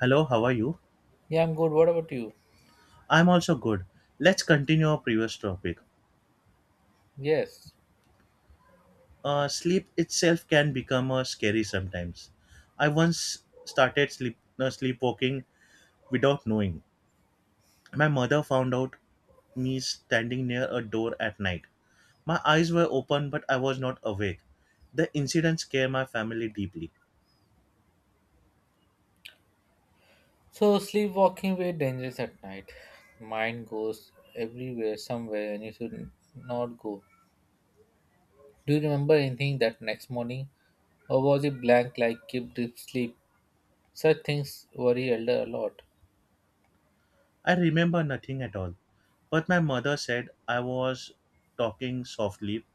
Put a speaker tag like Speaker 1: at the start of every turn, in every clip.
Speaker 1: Hello, how are you?
Speaker 2: Yeah, I'm good. What about you?
Speaker 1: I'm also good. Let's continue our previous topic.
Speaker 2: Yes.
Speaker 1: Sleep itself can become scary sometimes. I once started sleepwalking without knowing. My mother found out me standing near a door at night. My eyes were open, but I was not awake. The incident scared my family deeply.
Speaker 2: So sleepwalking very dangerous at night. Mind goes everywhere, somewhere, and you should not go. Do you remember anything that next morning, or was it blank like keep deep sleep? Such things worry elder a lot.
Speaker 1: I remember nothing at all, but my mother said I was talking softly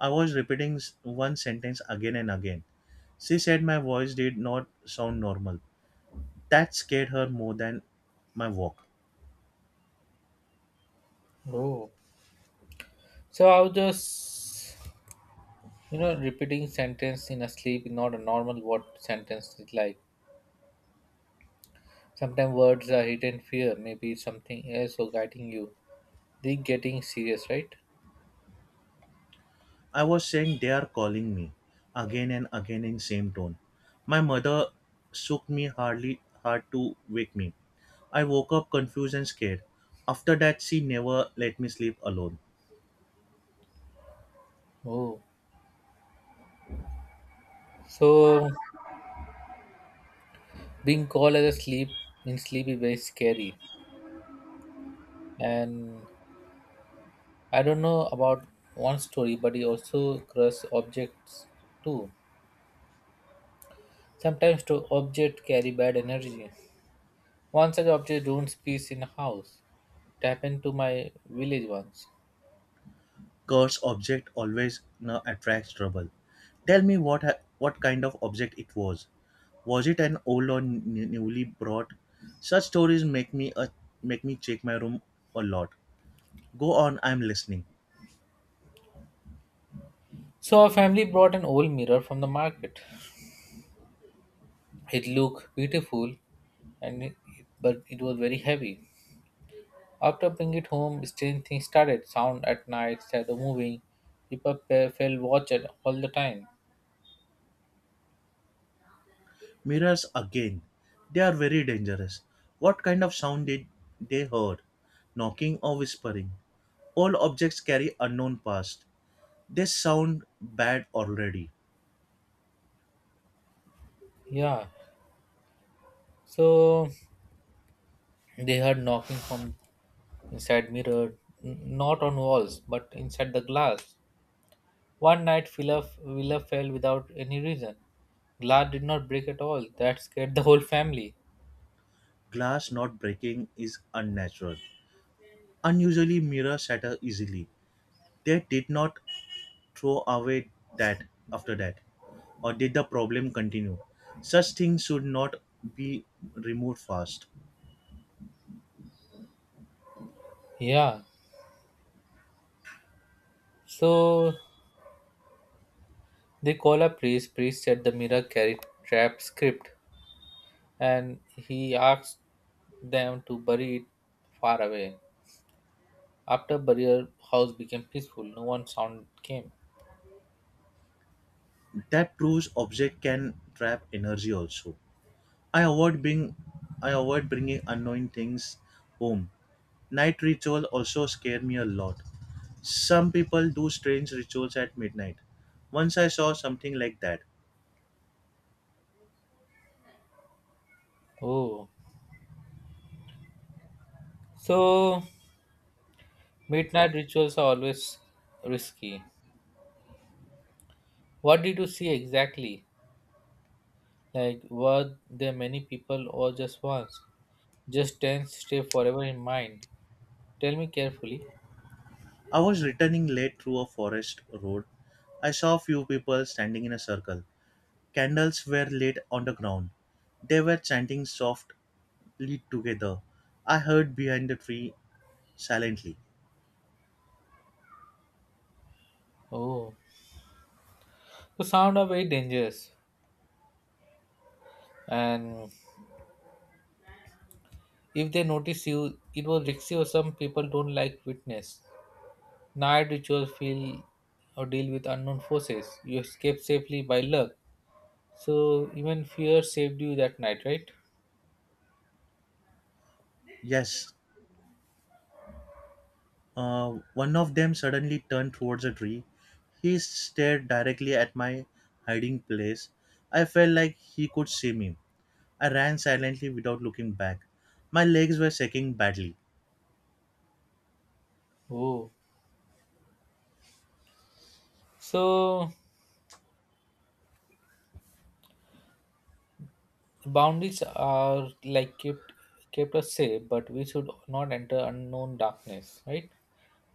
Speaker 1: I was repeating one sentence again and again. She said my voice did not sound normal. That scared her more than my walk.
Speaker 2: Oh. So I was just, repeating sentence in a sleep, not a normal word sentence is like. Sometimes words are hidden fear, maybe something else or guiding you. They getting serious, right?
Speaker 1: I was saying they are calling me again and again in same tone. My mother shook me hardly hard to wake me. I woke up confused and scared. After that she never let me sleep alone.
Speaker 2: Oh. So being called as a sleep in sleep is very scary. And I don't know about one story, but he also crush objects too. Sometimes to object carry bad energy. One such object ruins peace in a house. It happened to my village once.
Speaker 1: Curse object always you attracts trouble. Tell me what kind of object it was. Was it an old or newly brought? Such stories make me a make me check my room a lot. Go on, I'm listening.
Speaker 2: So our family brought an old mirror from the market. It looked beautiful and it, but it was very heavy. After Bring It Home, strange things started. Sound at night, shadow moving. People fell watch it all the time.
Speaker 1: Mirrors again. They are very dangerous. What kind of sound did they heard? Knocking or whispering? All objects carry unknown past. They sound bad already.
Speaker 2: Yeah. So they heard knocking from inside mirror, not on walls, but inside the glass. One night, Phila fell without any reason. Glass did not break at all. That scared the whole family.
Speaker 1: Glass not breaking is unnatural. Unusually mirror shatter easily. They did not throw away that after that, or did the problem continue? Such things should not be removed fast.
Speaker 2: Yeah. So they call a priest. Priest said the mirror carried trap script, and he asked them to bury it far away. After burial house became peaceful, no one sound came.
Speaker 1: That proves object can trap energy also. I avoid being I avoid bringing unknown things home. Night ritual also scare me a lot. Some people do strange rituals at midnight. Once I saw something like that.
Speaker 2: Oh, so midnight rituals are always risky. What did you see exactly? Like, were there many people or just once? Just ten stay forever in mind. Tell me carefully.
Speaker 1: I was returning late through a forest road. I saw few people standing in a circle. Candles were lit on the ground. They were chanting soft lead together. I heard behind the tree silently.
Speaker 2: Oh, so sound are very dangerous, and if they notice you, it will risky. Or some people don't like witness. Night rituals feel or deal with unknown forces. You escape safely by luck. So even fear saved you that night, right?
Speaker 1: Yes, one of them suddenly turned towards the tree. He stared directly at my hiding place. I felt like he could see me. I ran silently without looking back. My legs were shaking badly.
Speaker 2: Oh, so boundaries are like kept us safe, but we should not enter unknown darkness, right?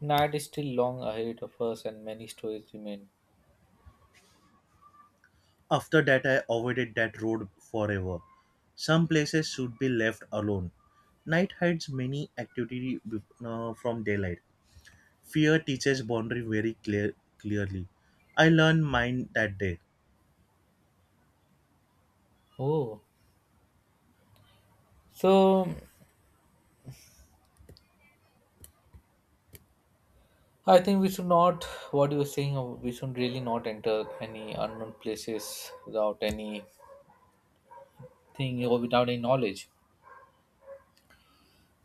Speaker 2: Night is still long ahead of us, and many stories remain.
Speaker 1: After that, I avoided that road forever. Some places should be left alone. Night hides many activity from daylight. Fear teaches boundary very clear clearly. I learned mine that day.
Speaker 2: Oh, so I think we should not. What you were saying, we should really not enter any unknown places without any thing or without any knowledge.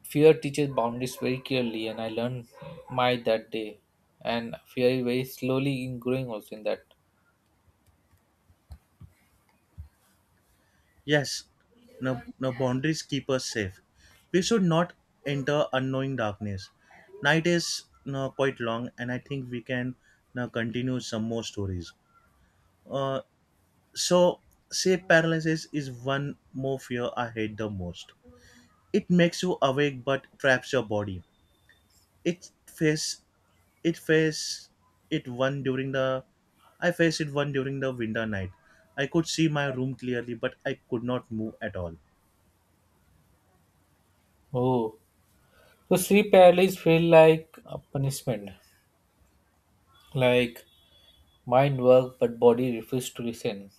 Speaker 2: Fear teaches boundaries very clearly and I learned my that day, and fear is very slowly in growing also in that.
Speaker 1: Yes, no, no boundaries keep us safe. We should not enter unknowing darkness. Night is no, quite long, and I think we can now continue some more stories. Uh, so, Sleep paralysis is one more fear I hate the most. It makes you awake but traps your body. It face it face it one during the I faced it one during the winter night. I could see my room clearly, but I could not move at all.
Speaker 2: Oh, so sleep paralysis feel like a punishment, like mind work but body refused to listen.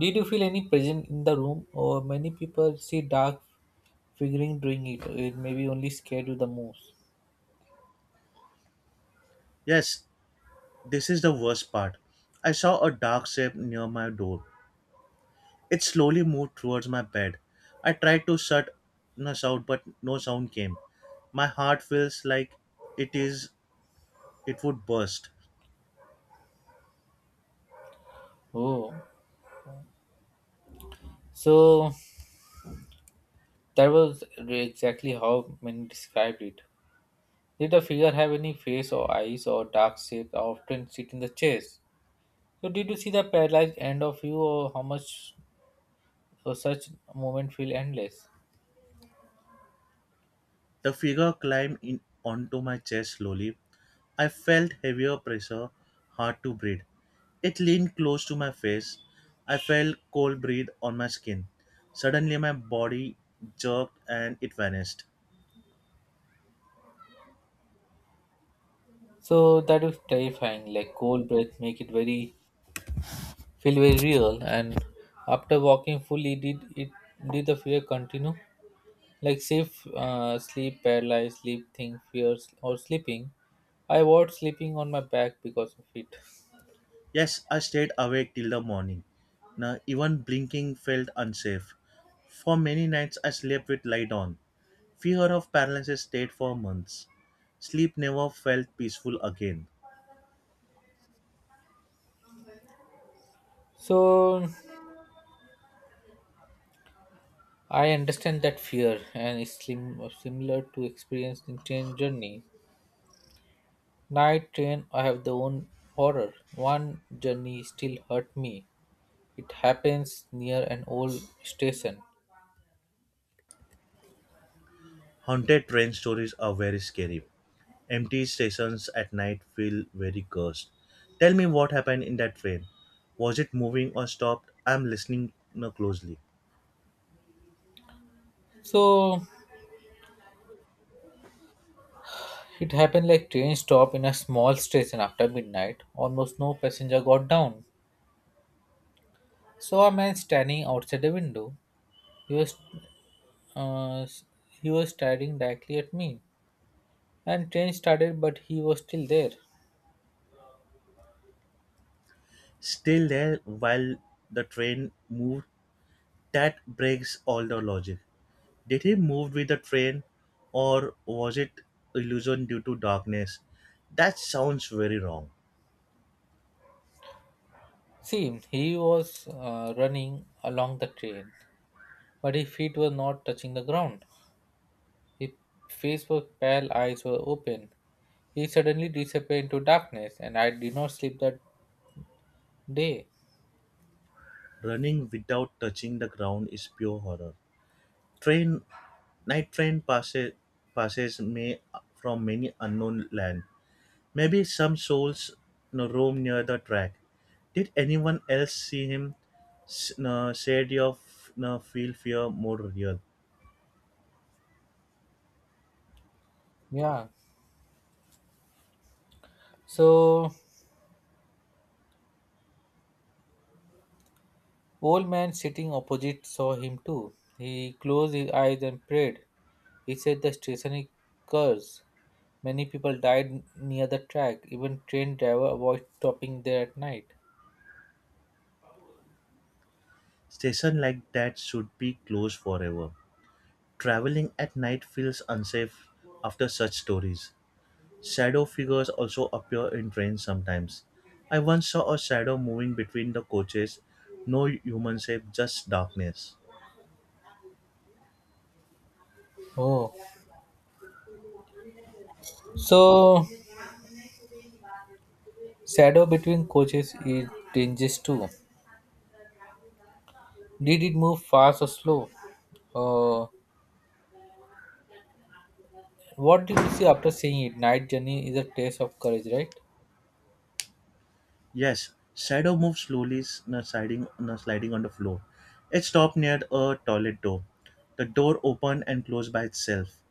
Speaker 2: Did you feel any presence in the room, or many people see dark figuring doing it, maybe only scared you the most?
Speaker 1: Yes, this is the worst part. I saw a dark shape near my door. It slowly moved towards my bed. I tried to shut us out, but no sound came. My heart feels like it is it would burst.
Speaker 2: Oh, so that was exactly how many described it. Did the figure have any face or eyes or dark shape that often sit in the chairs? So did you see the paralyzed end of you or how much, or such moment feel endless?
Speaker 1: The figure climbed in onto my chest slowly. I felt heavier pressure, hard to breathe. It leaned close to my face. I felt cold breath on my skin. Suddenly my body jerked and it vanished.
Speaker 2: So that was terrifying, like cold breath make it very feel very real, and after walking fully, did the fear continue? Like safe, sleep, paralyzed, sleep thing, fears or sleeping. I avoid sleeping on my back because of it.
Speaker 1: Yes, I stayed awake till the morning. Now even blinking felt unsafe. For many nights I slept with light on. Fear of paralysis stayed for months. Sleep never felt peaceful again.
Speaker 2: So I understand that fear and it's slim, similar to experiencing train journey. Night train, I have the own horror. One journey still hurt me. It happens near an old station.
Speaker 1: Haunted train stories are very scary. Empty stations at night feel very cursed. Tell me what happened in that train. Was it moving or stopped? I'm listening now closely.
Speaker 2: So it happened like train stop in a small station after midnight. Almost no passenger got down. Saw a man standing outside the window. He was uh, he was staring directly at me. And train started, but he was still there.
Speaker 1: Still there while the train moved. That breaks all the logic. Did he move with the train or was it illusion due to darkness? That sounds very wrong.
Speaker 2: See, he was running along the train, but his feet were not touching the ground. His face was pale, eyes were open. He suddenly disappeared into darkness, and I did not sleep that day.
Speaker 1: Running without touching the ground is pure horror. Train Night train passes may from many unknown land. Maybe some souls roam near the track. Did anyone else see him? No, said your no, feel fear more real.
Speaker 2: Yeah. So, old man sitting opposite saw him too. He closed his eyes and prayed. He said the station is cursed. Many people died near the track. Even train driver avoided stopping there at night.
Speaker 1: Station like that should be closed forever. Traveling at night feels unsafe after such stories. Shadow figures also appear in trains sometimes. I once saw a shadow moving between the coaches. No human shape, just darkness.
Speaker 2: Oh, so Shadow between coaches it changes too. Did it move fast or slow? Uh, what did you see after seeing it? Night journey is a test of courage, right?
Speaker 1: Yes, shadow moved slowly, sliding, sliding on the floor. It stopped near a toilet door. The door opened and closed by itself.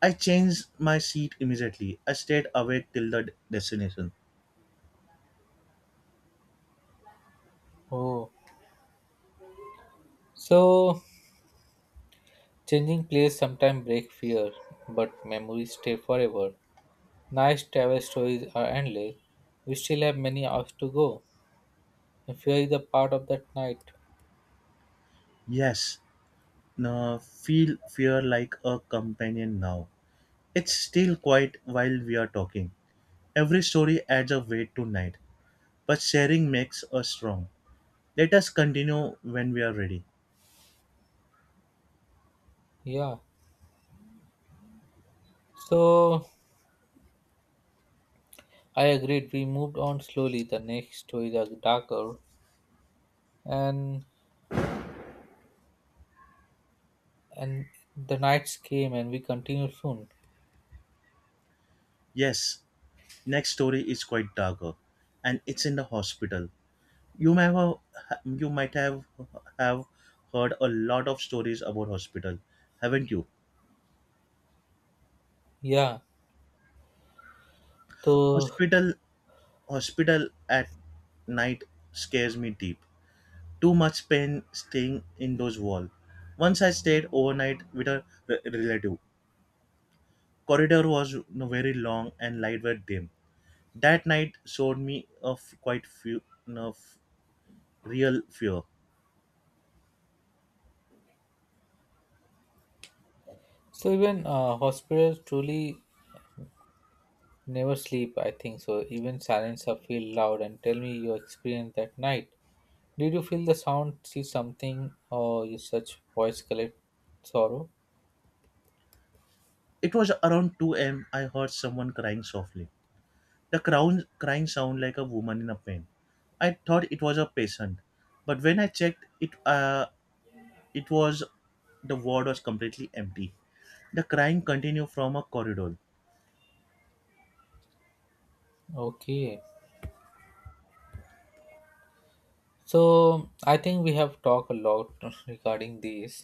Speaker 1: I changed my seat immediately. I stayed awake till the destination.
Speaker 2: Oh, so changing place sometimes break fear, but memories stay forever. Nice travel stories are endless. We still have many hours to go, and fear is a part of that night.
Speaker 1: Yes, no, feel fear like a companion now. It's still quiet while we are talking. Every story adds a weight to night, but sharing makes us strong. Let us continue when we are ready.
Speaker 2: Yeah. So I agreed. We moved on slowly. The next stories are darker, and and the nights came and we continued soon.
Speaker 1: Yes, next story is quite darker, and it's in the hospital. You may have, you might have heard a lot of stories about hospital, haven't you?
Speaker 2: Yeah. so
Speaker 1: Hospital, hospital at night scares me deep. Too much pain staying in those walls. Once I stayed overnight with a relative. Corridor was very long and light were dim. That night showed me of quite few real fear.
Speaker 2: so even hospitals truly never sleep, I think. So even silence are feel loud, and tell me your experience that night. Did you feel the sound, see something, or you such voice collect sorrow?
Speaker 1: It was around 2 a.m. I heard someone crying softly. The crown crying sound like a woman in a pain. I thought it was a patient, but when I checked, it it was the ward was completely empty. The crying continued from a corridor.
Speaker 2: Okay, so I think we have talked a lot regarding this,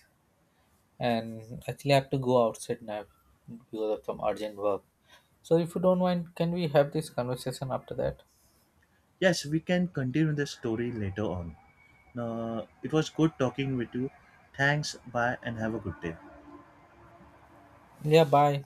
Speaker 2: and actually I have to go outside now because of some urgent work. So if you don't mind, can we have this conversation after that?
Speaker 1: Yes, we can continue the story later on. It was good talking with you. Thanks, bye, and have a good day.
Speaker 2: Yeah, bye.